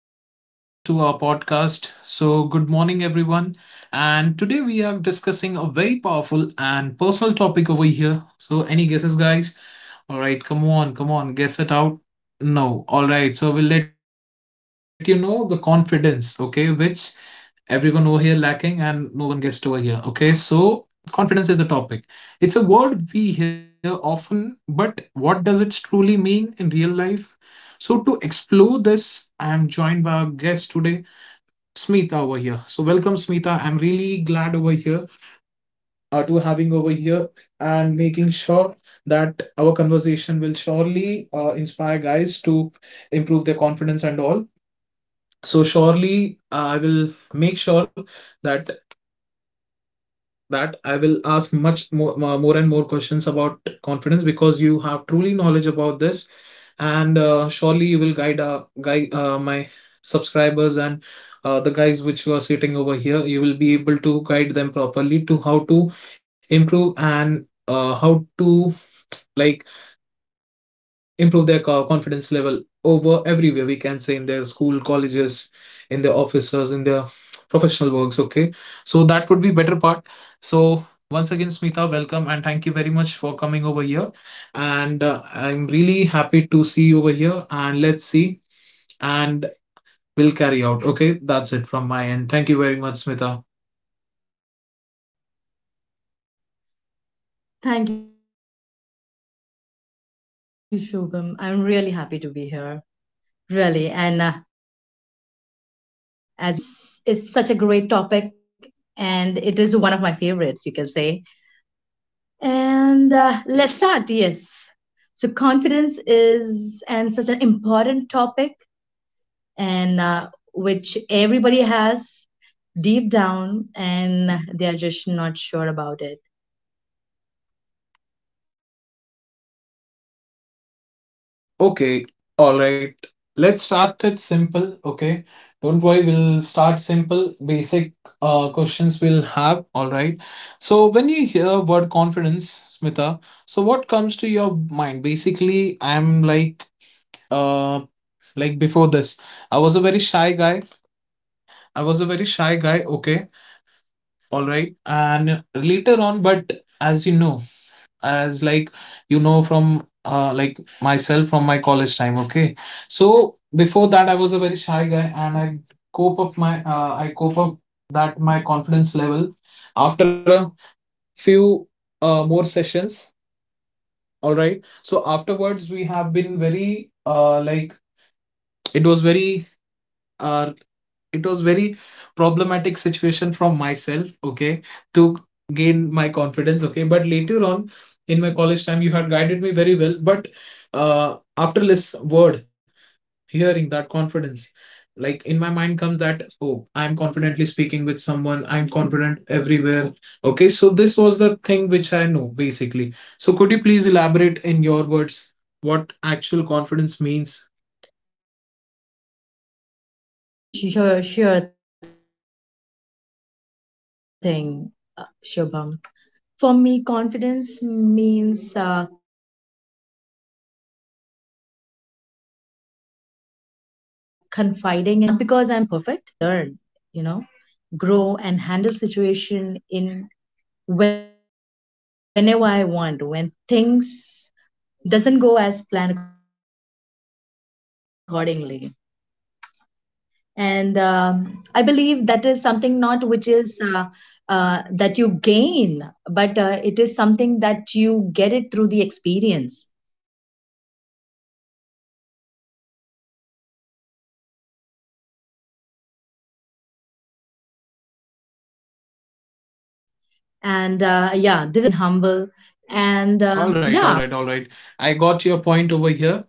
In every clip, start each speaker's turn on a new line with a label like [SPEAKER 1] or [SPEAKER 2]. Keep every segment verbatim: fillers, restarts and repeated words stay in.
[SPEAKER 1] guys. Welcome to our podcast. So, good morning, everyone. And today we are discussing a very powerful and personal topic over here. So, any guesses, guys? All right, come on, come on, guess it out. No. All right. So, we'll let you know the confidence, okay, which everyone over here lacking and no one guessed over here, okay, so confidence is the topic. It's a word we hear often, but what does it truly mean in real life? So to explore this, I am joined by our guest today, Smita over here. So welcome, Smita, I'm really glad over here uh, to having over here and making sure that our conversation will surely uh, inspire guys to improve their confidence and all. So surely uh, I will make sure that that I will ask much more, more and more questions about confidence because you have truly knowledge about this, and uh, surely you will guide uh, guide uh, my subscribers and uh, the guys which were sitting over here. You will be able to guide them properly to how to improve and uh, how to like improve their co- confidence level over everywhere, we can say, in their school, colleges, in their offices, in their professional works, okay? So that would be better part. So once again, Smita, welcome and thank you very much for coming over here. And uh, I'm really happy to see you over here, and let's see, and we'll carry out. Okay, that's it from my end. Thank you very much, Smita.
[SPEAKER 2] Thank you, Shubham. I'm really happy to be here. Really. And uh, as we are going to talk about confidence, and uh, confidence is such a great topic, and it is one of my favorites, you can say. And uh, let's start. Yes. So, confidence is and such an important topic, and uh, everybody has deep down, and uh, they are just not sure about it.
[SPEAKER 1] Okay, all right. Let's start it simple, okay? Don't worry, we'll start simple, basic uh, questions we'll have, all right? So when you hear word confidence, Smita, so what comes to your mind? Basically, I'm like uh like before this, I was a very shy guy. I was a very shy guy okay, all right, and later on, but as you know, as like you know, from uh, like myself, from my college time, okay? So before that, I was a very shy guy, and I cope up my uh, I cope up that my confidence level after a few uh, more sessions. All right, so afterwards we have been very uh, like it was very uh, it was very problematic situation from myself, okay, to gain my confidence, okay? But later on, in my college time, you had guided me very well, but uh, after this word, hearing that confidence, like in my mind comes that, oh, I'm confidently speaking with someone, I'm confident everywhere, okay? So this was the thing which I know basically. So could you please elaborate in your words what actual confidence means?
[SPEAKER 2] Yeah, sure, sure thing, uh, Shubham. For me, confidence means uh, confiding in yourself, believing in self, not because I'm perfect, but because I trust that I can learn, you know, grow and handle situation in whenever I want, when things doesn't go as planned accordingly. And um, I believe that is something not which is uh, uh, that you gain, but uh, it is something that you get it through the experience and uh, yeah, this is something that builds you and makes you strong and humble. And uh, there are a lot of ways that you can be confident. And um, yeah, b- well,
[SPEAKER 1] All right, all right all right I got your point over here.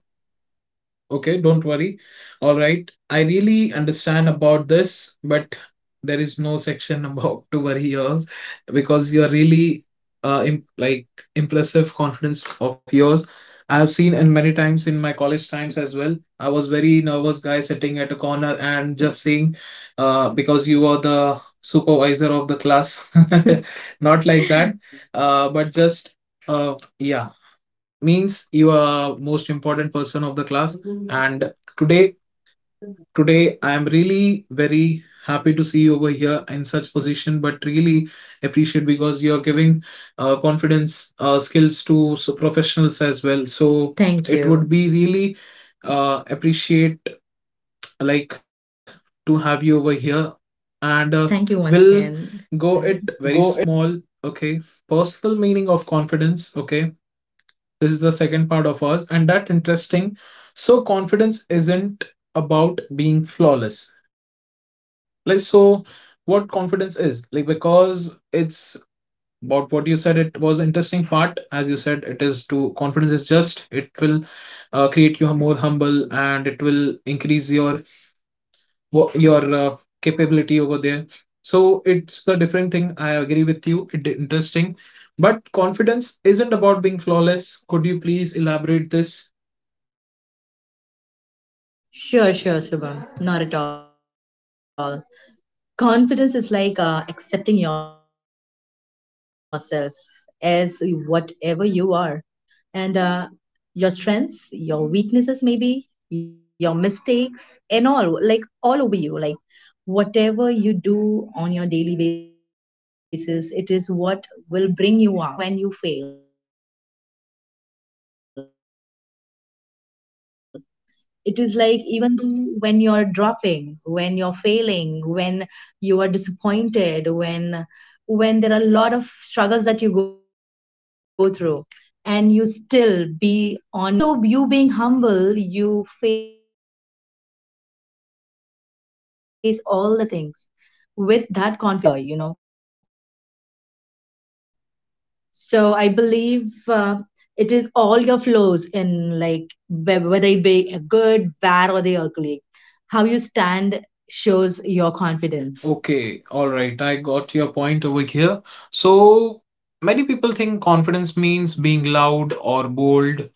[SPEAKER 1] Okay, don't worry. All right. I really understand about this, but there is no section about to worry yours, because you're really uh im like impressive confidence of yours. I have seen and many times in my college times as well. I was very nervous guy sitting at a corner and just saying, uh, because you were the supervisor of the class, not like that, uh, but just uh, yeah, means you are most important person of the class, and today, today I am really very happy to see you over here in such position, but really appreciate because you are giving uh, confidence uh, skills to so professionals as well. So
[SPEAKER 2] so
[SPEAKER 1] thank you, it
[SPEAKER 2] thank
[SPEAKER 1] would
[SPEAKER 2] it would
[SPEAKER 1] be
[SPEAKER 2] you. Be
[SPEAKER 1] really
[SPEAKER 2] really
[SPEAKER 1] uh, appreciate, like to have you over here. And uh,
[SPEAKER 2] and
[SPEAKER 1] thank
[SPEAKER 2] uh,
[SPEAKER 1] you once
[SPEAKER 2] thank you
[SPEAKER 1] We'll
[SPEAKER 2] once will
[SPEAKER 1] again.
[SPEAKER 2] again.
[SPEAKER 1] Go it
[SPEAKER 2] Go
[SPEAKER 1] very small. Okay, personal meaning of confidence, okay, this is the second part of ours, and that interesting. So confidence isn't about being flawless. Like so, what confidence is like, because it's about what you said. It was interesting part, as you said. It is to confidence is just it will uh, create you more humble, and it will increase your wha- your uh, capability over there. So it's a different thing. I agree with you. It's interesting. But confidence isn't about being flawless. Could you please elaborate this?
[SPEAKER 2] sure, sure, Shubham. Not at all. Confidence is like uh, accepting yourself as whatever you are. And uh, your strengths, your weaknesses, maybe your mistakes, and all like all over you. Like whatever you do on your daily basis, it is what will bring you up. It's knowing that your own value doesn't disappear when you fail. It is like even though when you're dropping, when you're failing, when you are disappointed, when when there are a lot of struggles that you go through, and you still be on your your spine is straight and you be even though you being humble you face all the things with that confidence. Yeah, that maybe that confidence is like all together, you know. So I believe uh, it is all your flows in like whe- whether it be good, bad, or the ugly. How you stand shows your confidence.
[SPEAKER 1] Okay, all right. I got your point over here. So many people think confidence means being loud or bold,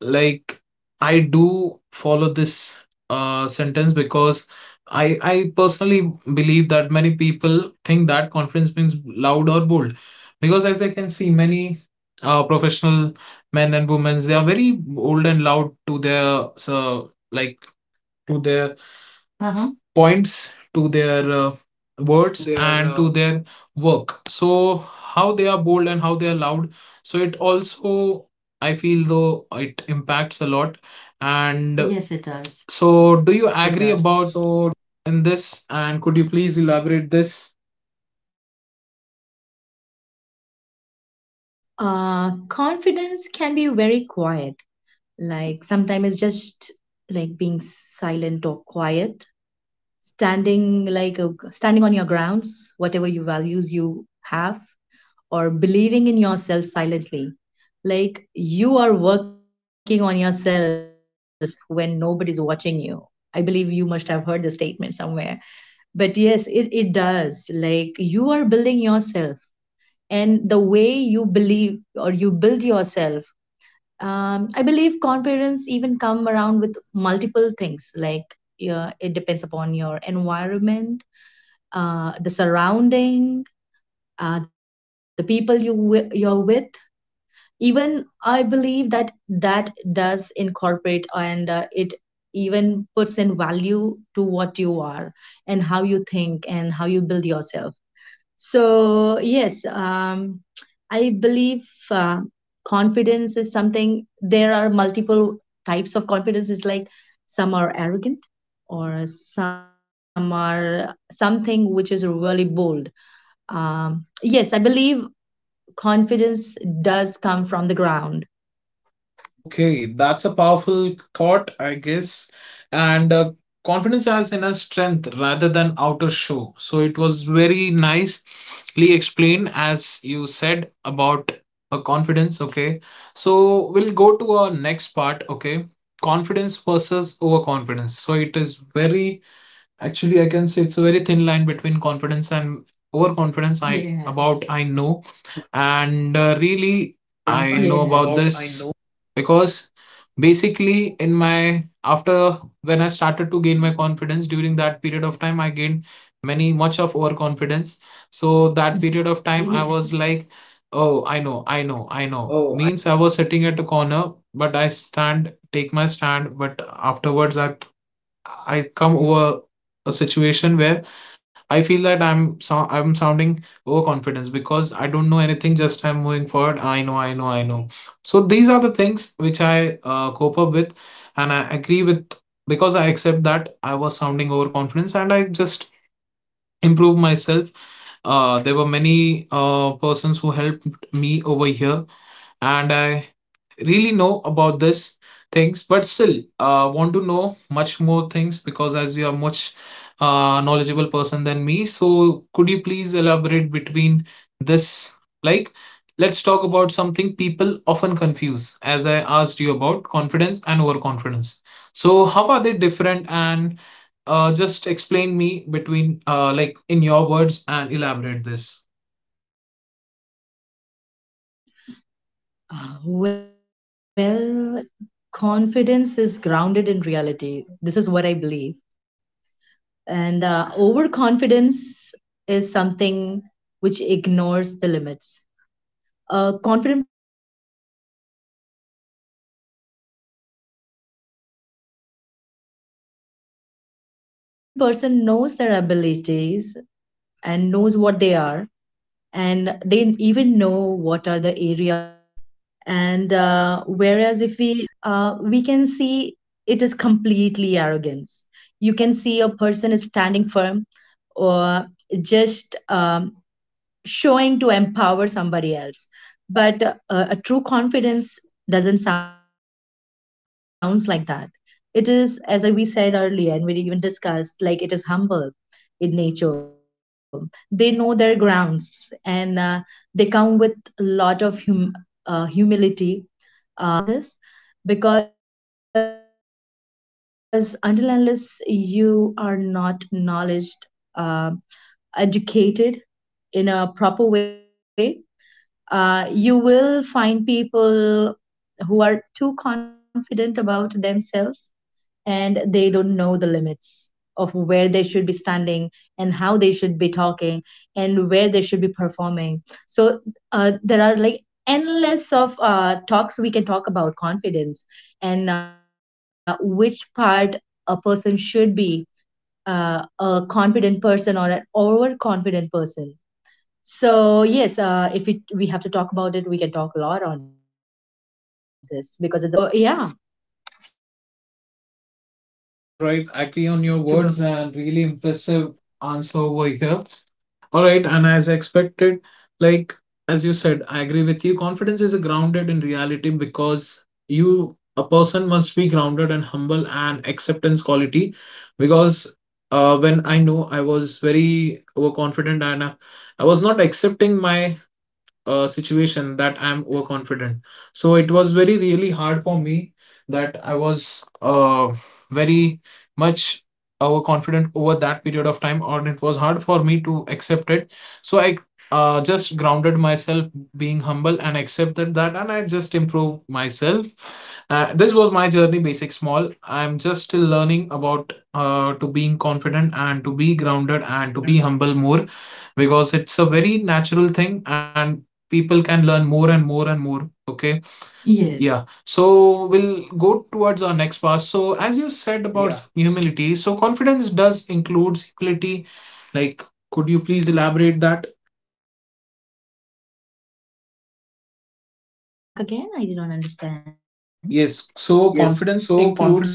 [SPEAKER 1] like I do follow this uh, sentence because I I personally believe that many people think that confidence means loud or bold, because as I can see many uh, professional men and women, they are very bold and loud to their, so like to their uh-huh.
[SPEAKER 2] Their
[SPEAKER 1] points, to
[SPEAKER 2] uh-huh.
[SPEAKER 1] their uh,
[SPEAKER 2] Points to
[SPEAKER 1] words,
[SPEAKER 2] their uh,
[SPEAKER 1] and to their work, so how they are bold and how they are loud. So it also, I feel though, it impacts a lot, and yes, it does.
[SPEAKER 2] and
[SPEAKER 1] So
[SPEAKER 2] uh,
[SPEAKER 1] do
[SPEAKER 2] yes,
[SPEAKER 1] you
[SPEAKER 2] it
[SPEAKER 1] agree
[SPEAKER 2] does.
[SPEAKER 1] about
[SPEAKER 2] So
[SPEAKER 1] in this, and could you please elaborate this?
[SPEAKER 2] Uh, no, uh, confidence can be very quiet. Like sometimes it's just like being silent or standing like a, standing on your grounds, whatever you values you have. Or believing in yourself silently. Like you are working on yourself when nobody's watching you. I believe you must have heard the statement somewhere. But yes, it, it does. Like you are building yourself. And the way you believe or you build yourself, um, I believe confidence even come around with multiple things. Like yeah, it depends upon your environment, uh, the surrounding, uh, the people you wi- you're with. Even I believe that that does incorporate, and uh, it even puts in value to what you are and how you think and how you build yourself. So yes, um, I believe uh, confidence is something. There are multiple types of confidence. It's like some are arrogant or some are something which is really bold. um, yes, I believe confidence does come from the ground.
[SPEAKER 1] Okay, that's a powerful thought, I guess. And uh, confidence has inner strength rather than outer show. So it was very nicely explained, as you said, about a confidence. Okay, so we'll go to our next part. Okay, confidence versus overconfidence. So it is very, actually, I can say it's a very thin line between confidence and overconfidence. I about, yes, I know.
[SPEAKER 2] Overconfidence I yes. About
[SPEAKER 1] And
[SPEAKER 2] I
[SPEAKER 1] uh,
[SPEAKER 2] know.
[SPEAKER 1] really, I know about this because basically, in my, after when I started to gain my confidence during that period of time, I gained many much of overconfidence. So that period of time, I was like, oh,
[SPEAKER 2] Yes. I
[SPEAKER 1] I
[SPEAKER 2] yes.
[SPEAKER 1] know, I
[SPEAKER 2] Was
[SPEAKER 1] know,
[SPEAKER 2] like,
[SPEAKER 1] I know.
[SPEAKER 2] oh, I
[SPEAKER 1] Means I was sitting at a corner, but I stand, take my stand, but afterwards I I come over a situation where I feel that I'm, so I'm sounding overconfidence because I don't know anything, just I'm moving forward. I know, I know, I know. So these are the things which I uh, cope up with, and I agree with, because I accept that I was sounding overconfidence, and I just improve myself. Uh, there were many uh, persons who helped me over here, and I really know about this things, but still uh, want to know much more things, because as you are much uh, knowledgeable person than me, so could you please elaborate between this, like let's talk about something people often confuse, as I asked you about confidence and overconfidence. So how are they different, and uh, just explain me between uh, like in your words and elaborate this.
[SPEAKER 2] Ah, well, confidence is grounded in reality. This is what I believe. And uh, overconfidence is something which ignores the limits. A confident person knows their abilities and knows what they are, and they even know what are the areas of improvement for them. And uh, whereas if we t- talk about overconfidence mostly over here, uh, we can see it is completely arrogance. You can see a person is standing firm or just um, showing to empower somebody else, but uh, a true confidence doesn't sound like that. It is as we said earlier and we even discussed, like it is humble in nature. They know their grounds, and uh, they come with a lot of hum- uh, humility. um, I believe knowledge uh, plays a big important part in this, because until unless you are not knowledged, uh, educated in a proper way, uh, you will find people who are too confident about themselves and they don't know the limits of where they should be standing and how they should be talking and where they should be performing. So uh, there are like endless of uh, talks we can talk about confidence, and uh, which part a person should be, uh, a confident person or an overconfident person. So yes, uh, if it, we have to talk about it, we can talk a lot on this because it's a big, vast uh, conversation. So yeah,
[SPEAKER 1] All right, agree on
[SPEAKER 2] Shubham.
[SPEAKER 1] your words and really impressive answer over here. All right, and as expected, like as you said, I agree with you. Confidence is grounded in reality, because you, a person, must be grounded and humble and acceptance quality. Because uh, when I know I was very overconfident, and uh, I was not accepting my uh, situation that I'm overconfident. So it was very really hard for me that I was uh, very much overconfident over that period of time, or it was hard for me to accept it. So I uh, just grounded myself, being humble, and accepted that, and I just improved myself. Uh, this was my journey, basic small. I'm just still learning about uh, to being confident and to be grounded and to be
[SPEAKER 2] To
[SPEAKER 1] humble
[SPEAKER 2] being
[SPEAKER 1] more,
[SPEAKER 2] confident.
[SPEAKER 1] because it's a very natural thing, and people can learn more and more and more. Okay. Yes. Yeah. So we'll go towards our next
[SPEAKER 2] Yes.
[SPEAKER 1] part.
[SPEAKER 2] Yeah.
[SPEAKER 1] So as you said about humility, so confidence does includes humility. Like, could you please elaborate that?
[SPEAKER 2] Uh, can you just uh, come back again? I did not understand.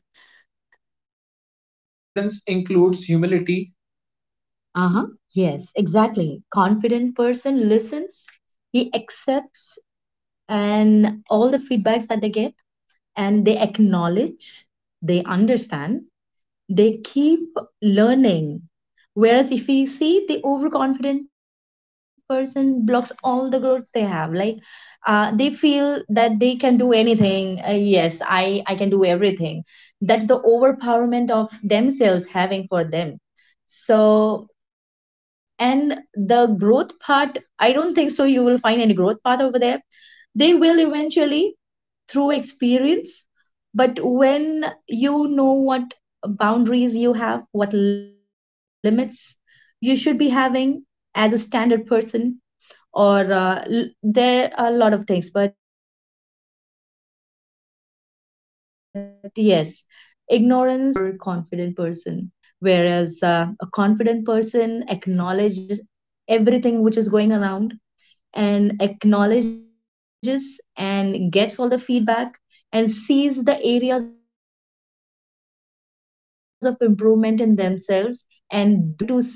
[SPEAKER 2] Yes.
[SPEAKER 1] Yes.
[SPEAKER 2] So confidence
[SPEAKER 1] So
[SPEAKER 2] includes
[SPEAKER 1] confidence
[SPEAKER 2] humility.
[SPEAKER 1] includes humility.
[SPEAKER 2] Uh huh. Yes, exactly. Confident person listens, he accepts and all the feedbacks that they get, and they acknowledge, they understand, they keep learning. Whereas if we see the overconfident person blocks all the growth they have, like uh, they feel that they can do anything. Uh, yes, i i can do everything. That's the overpowerment of themselves having for them. So, and the growth part, I don't think so you will find any growth path over there. They will eventually, through experience, but when you know what boundaries you have, what limits you should be having as a standard person, or uh, l- there are a lot of things. But yes, ignorance, uh, I believe, comes in overconfident person, whereas uh, a confident person acknowledges everything which is going around and acknowledges and gets all the feedback and sees the areas of improvement in themselves, and do they do definitely learn from it,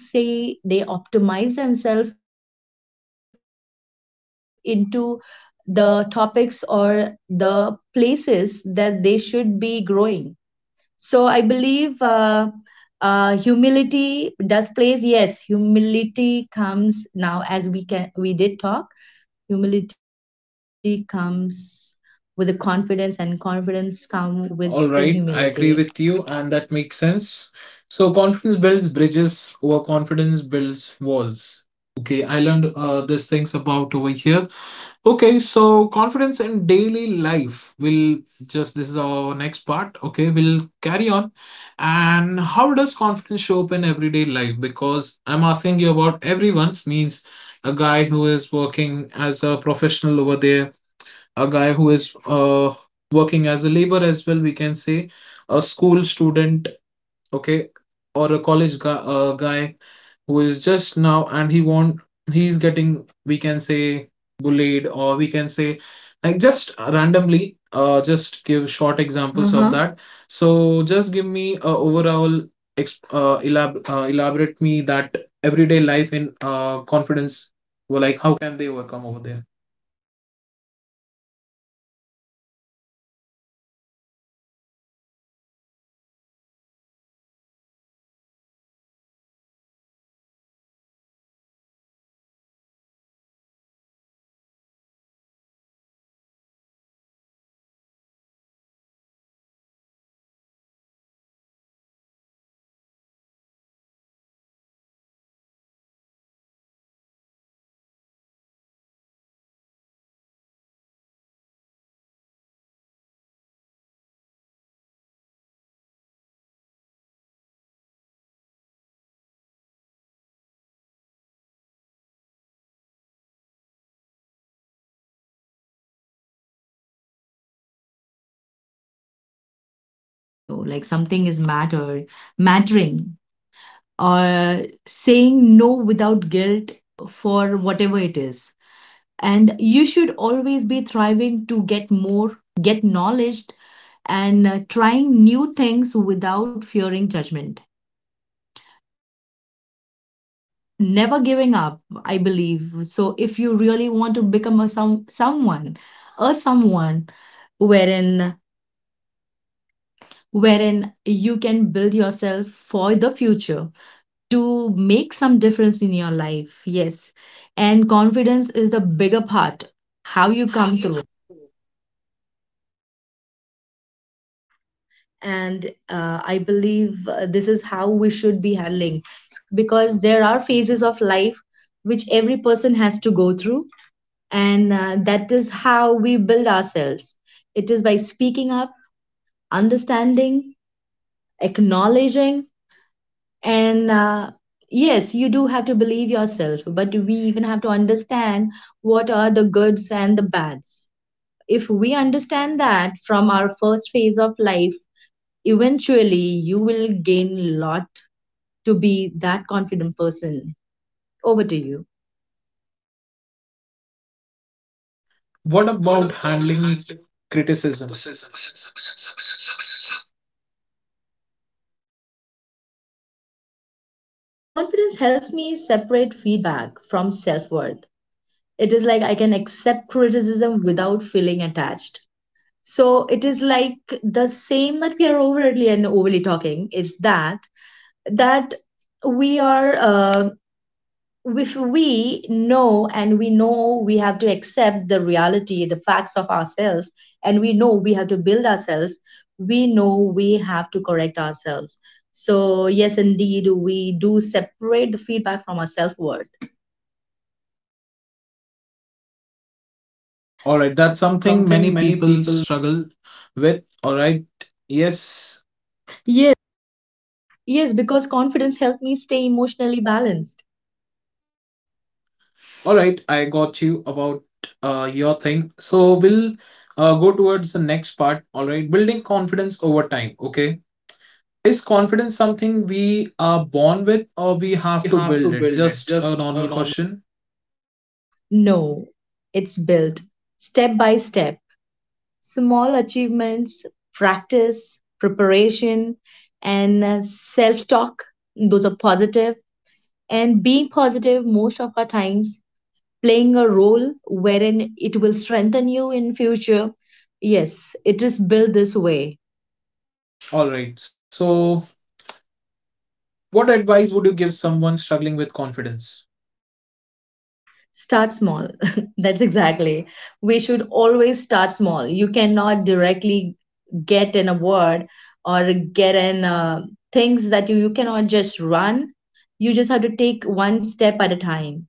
[SPEAKER 2] and they try to say they optimize themselves into the topics or the places that they should be growing. So I believe uh, uh, humility does plays, yes, humility comes now, as we can we did talk, humility comes with the confidence and confidence come with the humility.
[SPEAKER 1] All right. I agree with you, and that makes sense. So confidence builds bridges, overconfidence builds walls. Okay, I learned uh, these things about over here. Okay, so confidence in daily life. Will, just, this is our next part. Okay, we'll carry on. And how does confidence show up in everyday life? Because I'm asking you about everyone's means a guy who is working as a professional over there, a guy who is uh, working as a labor as well, we can say, a school student, okay, or a college guy, uh, guy who is just now and he want, he's getting, we can say, bullied, or we can say, like, just randomly, uh just give short examples of hmm that. So just give me
[SPEAKER 2] Short
[SPEAKER 1] a
[SPEAKER 2] examples of
[SPEAKER 1] overall
[SPEAKER 2] uh-huh. That.
[SPEAKER 1] exp uh,
[SPEAKER 2] So
[SPEAKER 1] elab
[SPEAKER 2] just give
[SPEAKER 1] uh,
[SPEAKER 2] me a
[SPEAKER 1] elaborate me that
[SPEAKER 2] overall ex-
[SPEAKER 1] everyday
[SPEAKER 2] uh,
[SPEAKER 1] life in
[SPEAKER 2] elab-
[SPEAKER 1] uh
[SPEAKER 2] uh, elaborate
[SPEAKER 1] confidence,
[SPEAKER 2] me that.
[SPEAKER 1] well, like how
[SPEAKER 2] Everyday
[SPEAKER 1] can they
[SPEAKER 2] life in
[SPEAKER 1] overcome over there.
[SPEAKER 2] uh, confidence. well uh, um it's, we can talk in a very small but meaningful ways, like uh, uh, there are like kids, then uh, the teenagers, the adult. Every phase of life, they have their own experiences. But uh, as we said earlier, yes, yes,
[SPEAKER 1] You like something is matter, mattering, or saying no without guilt for whatever it is, and you should always be thriving to get more, get knowledge, and uh, trying new things without fearing judgment. Is never giving up, I believe. So if you really want to become a some someone, a someone wherein, wherein you can build yourself for the future to make some difference in your life, yes, and confidence is the bigger part how you come through.
[SPEAKER 2] and uh, I believe uh, this is how we should be handling, because there are phases of life which every person has to go through, and uh, that is how we build ourselves. It is by speaking up, understanding, acknowledging, and uh, yes, you do have to believe yourself, but we even have to understand what are the goods and the bads. If we understand that from our first phase of life, eventually you will gain a lot to be that confident person. Over to you.
[SPEAKER 1] What about handling criticism?
[SPEAKER 2] Confidence helps me separate feedback from self worth. It is like I can accept criticism without feeling attached. So it is like the same that we are overtly and overly talking. It's that that we are, uh, if we know and we know we have to accept the reality, the facts of ourselves, and we know we have to build ourselves, we know we have to correct ourselves. So, yes, indeed, we do separate the feedback from our self worth.
[SPEAKER 1] All right,
[SPEAKER 2] All
[SPEAKER 1] that's
[SPEAKER 2] right, that's
[SPEAKER 1] something
[SPEAKER 2] something
[SPEAKER 1] many
[SPEAKER 2] many
[SPEAKER 1] people
[SPEAKER 2] people
[SPEAKER 1] struggle with. All right, yes. Yeah.
[SPEAKER 2] yes, because confidence helped me stay emotionally balanced.
[SPEAKER 1] All right, I got you about uh, your thing. So we'll uh, go towards the next part. All right, building confidence over time. Okay. Is confidence something we are born with, or we
[SPEAKER 2] We
[SPEAKER 1] have to
[SPEAKER 2] have to
[SPEAKER 1] build it?
[SPEAKER 2] build it.
[SPEAKER 1] Just a
[SPEAKER 2] Just a
[SPEAKER 1] normal
[SPEAKER 2] normal
[SPEAKER 1] question.
[SPEAKER 2] no, it's built step by step. Small achievements, practice, preparation, and self talk, those are positive. And being positive most of our times, playing a role wherein it will strengthen you in future. Yes, it is built this way.
[SPEAKER 1] All right. So, what advice would you give someone struggling with confidence?
[SPEAKER 2] Start small. That's exactly. We should always start small. You cannot directly get an award or get an uh, things that you, you cannot just run. You just have to take one step at a time.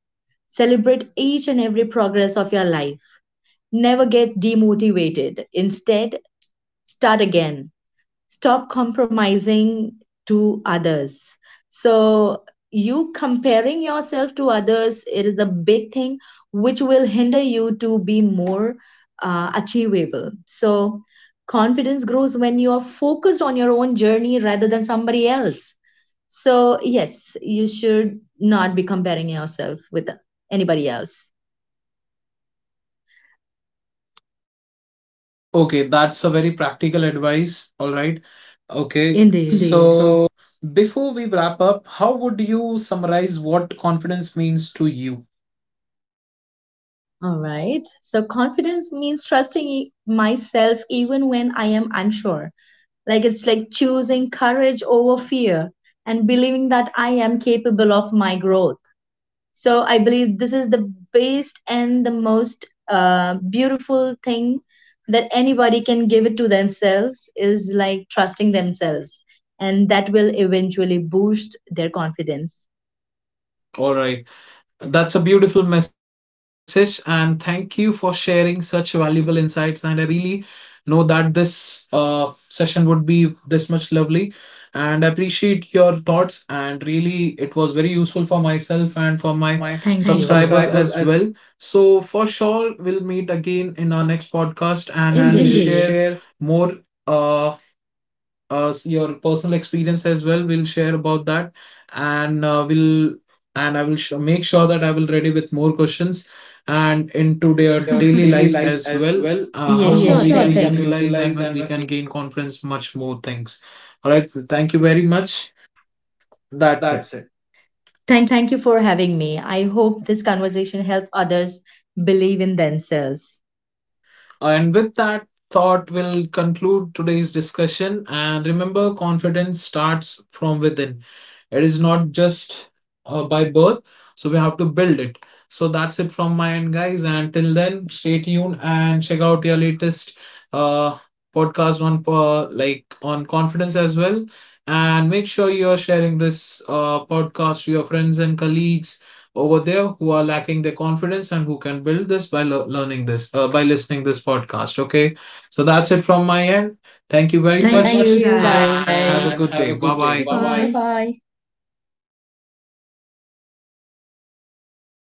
[SPEAKER 2] Celebrate each and every progress of your life. Never get demotivated. Instead, start again, stop compromising to others. So you comparing yourself to others, it is a big thing which will hinder you to be more uh, achievable. So confidence grows when you are focused on your own journey rather than somebody else. So yes, you should not be comparing yourself with anybody else.
[SPEAKER 1] Okay, that's a very practical advice. All right. Okay. Indeed.
[SPEAKER 2] Indeed.
[SPEAKER 1] So
[SPEAKER 2] So,
[SPEAKER 1] before we wrap up, how would you summarize what confidence means to you?
[SPEAKER 2] all right. So confidence means trusting e- myself even when I am unsure. Like, it's like choosing courage over fear and believing that I am capable of my growth. So I believe this is the best and the most uh, beautiful thing that anybody can give it to themselves, is like trusting themselves. And that will eventually boost their confidence.
[SPEAKER 1] All right. That's a beautiful message, and thank you for sharing such valuable insights. And I really know that this uh, session would be this much lovely, and I appreciate your thoughts. And really, it was very useful for myself and for
[SPEAKER 2] For
[SPEAKER 1] my,
[SPEAKER 2] my
[SPEAKER 1] thank you,
[SPEAKER 2] thank you.
[SPEAKER 1] subscribers
[SPEAKER 2] Subscribers
[SPEAKER 1] as
[SPEAKER 2] as
[SPEAKER 1] well. So for sure, we'll meet again in our next podcast,
[SPEAKER 2] well,
[SPEAKER 1] and we'll,
[SPEAKER 2] and we will
[SPEAKER 1] indeed,
[SPEAKER 2] indeed.
[SPEAKER 1] share
[SPEAKER 2] Share
[SPEAKER 1] more uh, uh, your personal experience as well. We'll share about that, and uh, we'll and I will sh- make sure that I will ready with more questions and into
[SPEAKER 2] to
[SPEAKER 1] their
[SPEAKER 2] their
[SPEAKER 1] daily
[SPEAKER 2] daily
[SPEAKER 1] life
[SPEAKER 2] life
[SPEAKER 1] as
[SPEAKER 2] as
[SPEAKER 1] well.
[SPEAKER 2] well
[SPEAKER 1] Uh,
[SPEAKER 2] uh,
[SPEAKER 1] Yes, how
[SPEAKER 2] yeah, how
[SPEAKER 1] sure we
[SPEAKER 2] sure
[SPEAKER 1] can
[SPEAKER 2] we
[SPEAKER 1] thing
[SPEAKER 2] thing. Can
[SPEAKER 1] utilize,
[SPEAKER 2] utilize
[SPEAKER 1] and we
[SPEAKER 2] and we,
[SPEAKER 1] can gain confidence much more things. All right. Thank you very much. That's it.
[SPEAKER 2] that's it.
[SPEAKER 1] Thank.
[SPEAKER 2] Thank you for having me. I hope this conversation helped others believe in themselves.
[SPEAKER 1] And with that thought, we'll conclude today's discussion. And remember, confidence starts from within. It is not just uh, by birth, so we have to build it. So that's it from my end, guys. And till then, stay tuned and check out your latest uh, podcast on uh, like on confidence as well. And make sure you are sharing this uh, podcast to your friends and colleagues over there who are lacking the confidence and who can build this by lear- learning this uh, by listening this podcast, okay? So that's it from my end. Thank you
[SPEAKER 2] Thank
[SPEAKER 1] very,
[SPEAKER 2] you
[SPEAKER 1] Thank
[SPEAKER 2] very
[SPEAKER 1] much,
[SPEAKER 2] thank
[SPEAKER 1] thank
[SPEAKER 2] much
[SPEAKER 1] you,
[SPEAKER 2] you,
[SPEAKER 1] guys, and
[SPEAKER 2] guys. And
[SPEAKER 1] have a
[SPEAKER 2] have a
[SPEAKER 1] good day.
[SPEAKER 2] good day.
[SPEAKER 1] Bye
[SPEAKER 2] Bye
[SPEAKER 1] bye.
[SPEAKER 2] bye. Bye
[SPEAKER 1] Bye.
[SPEAKER 2] bye.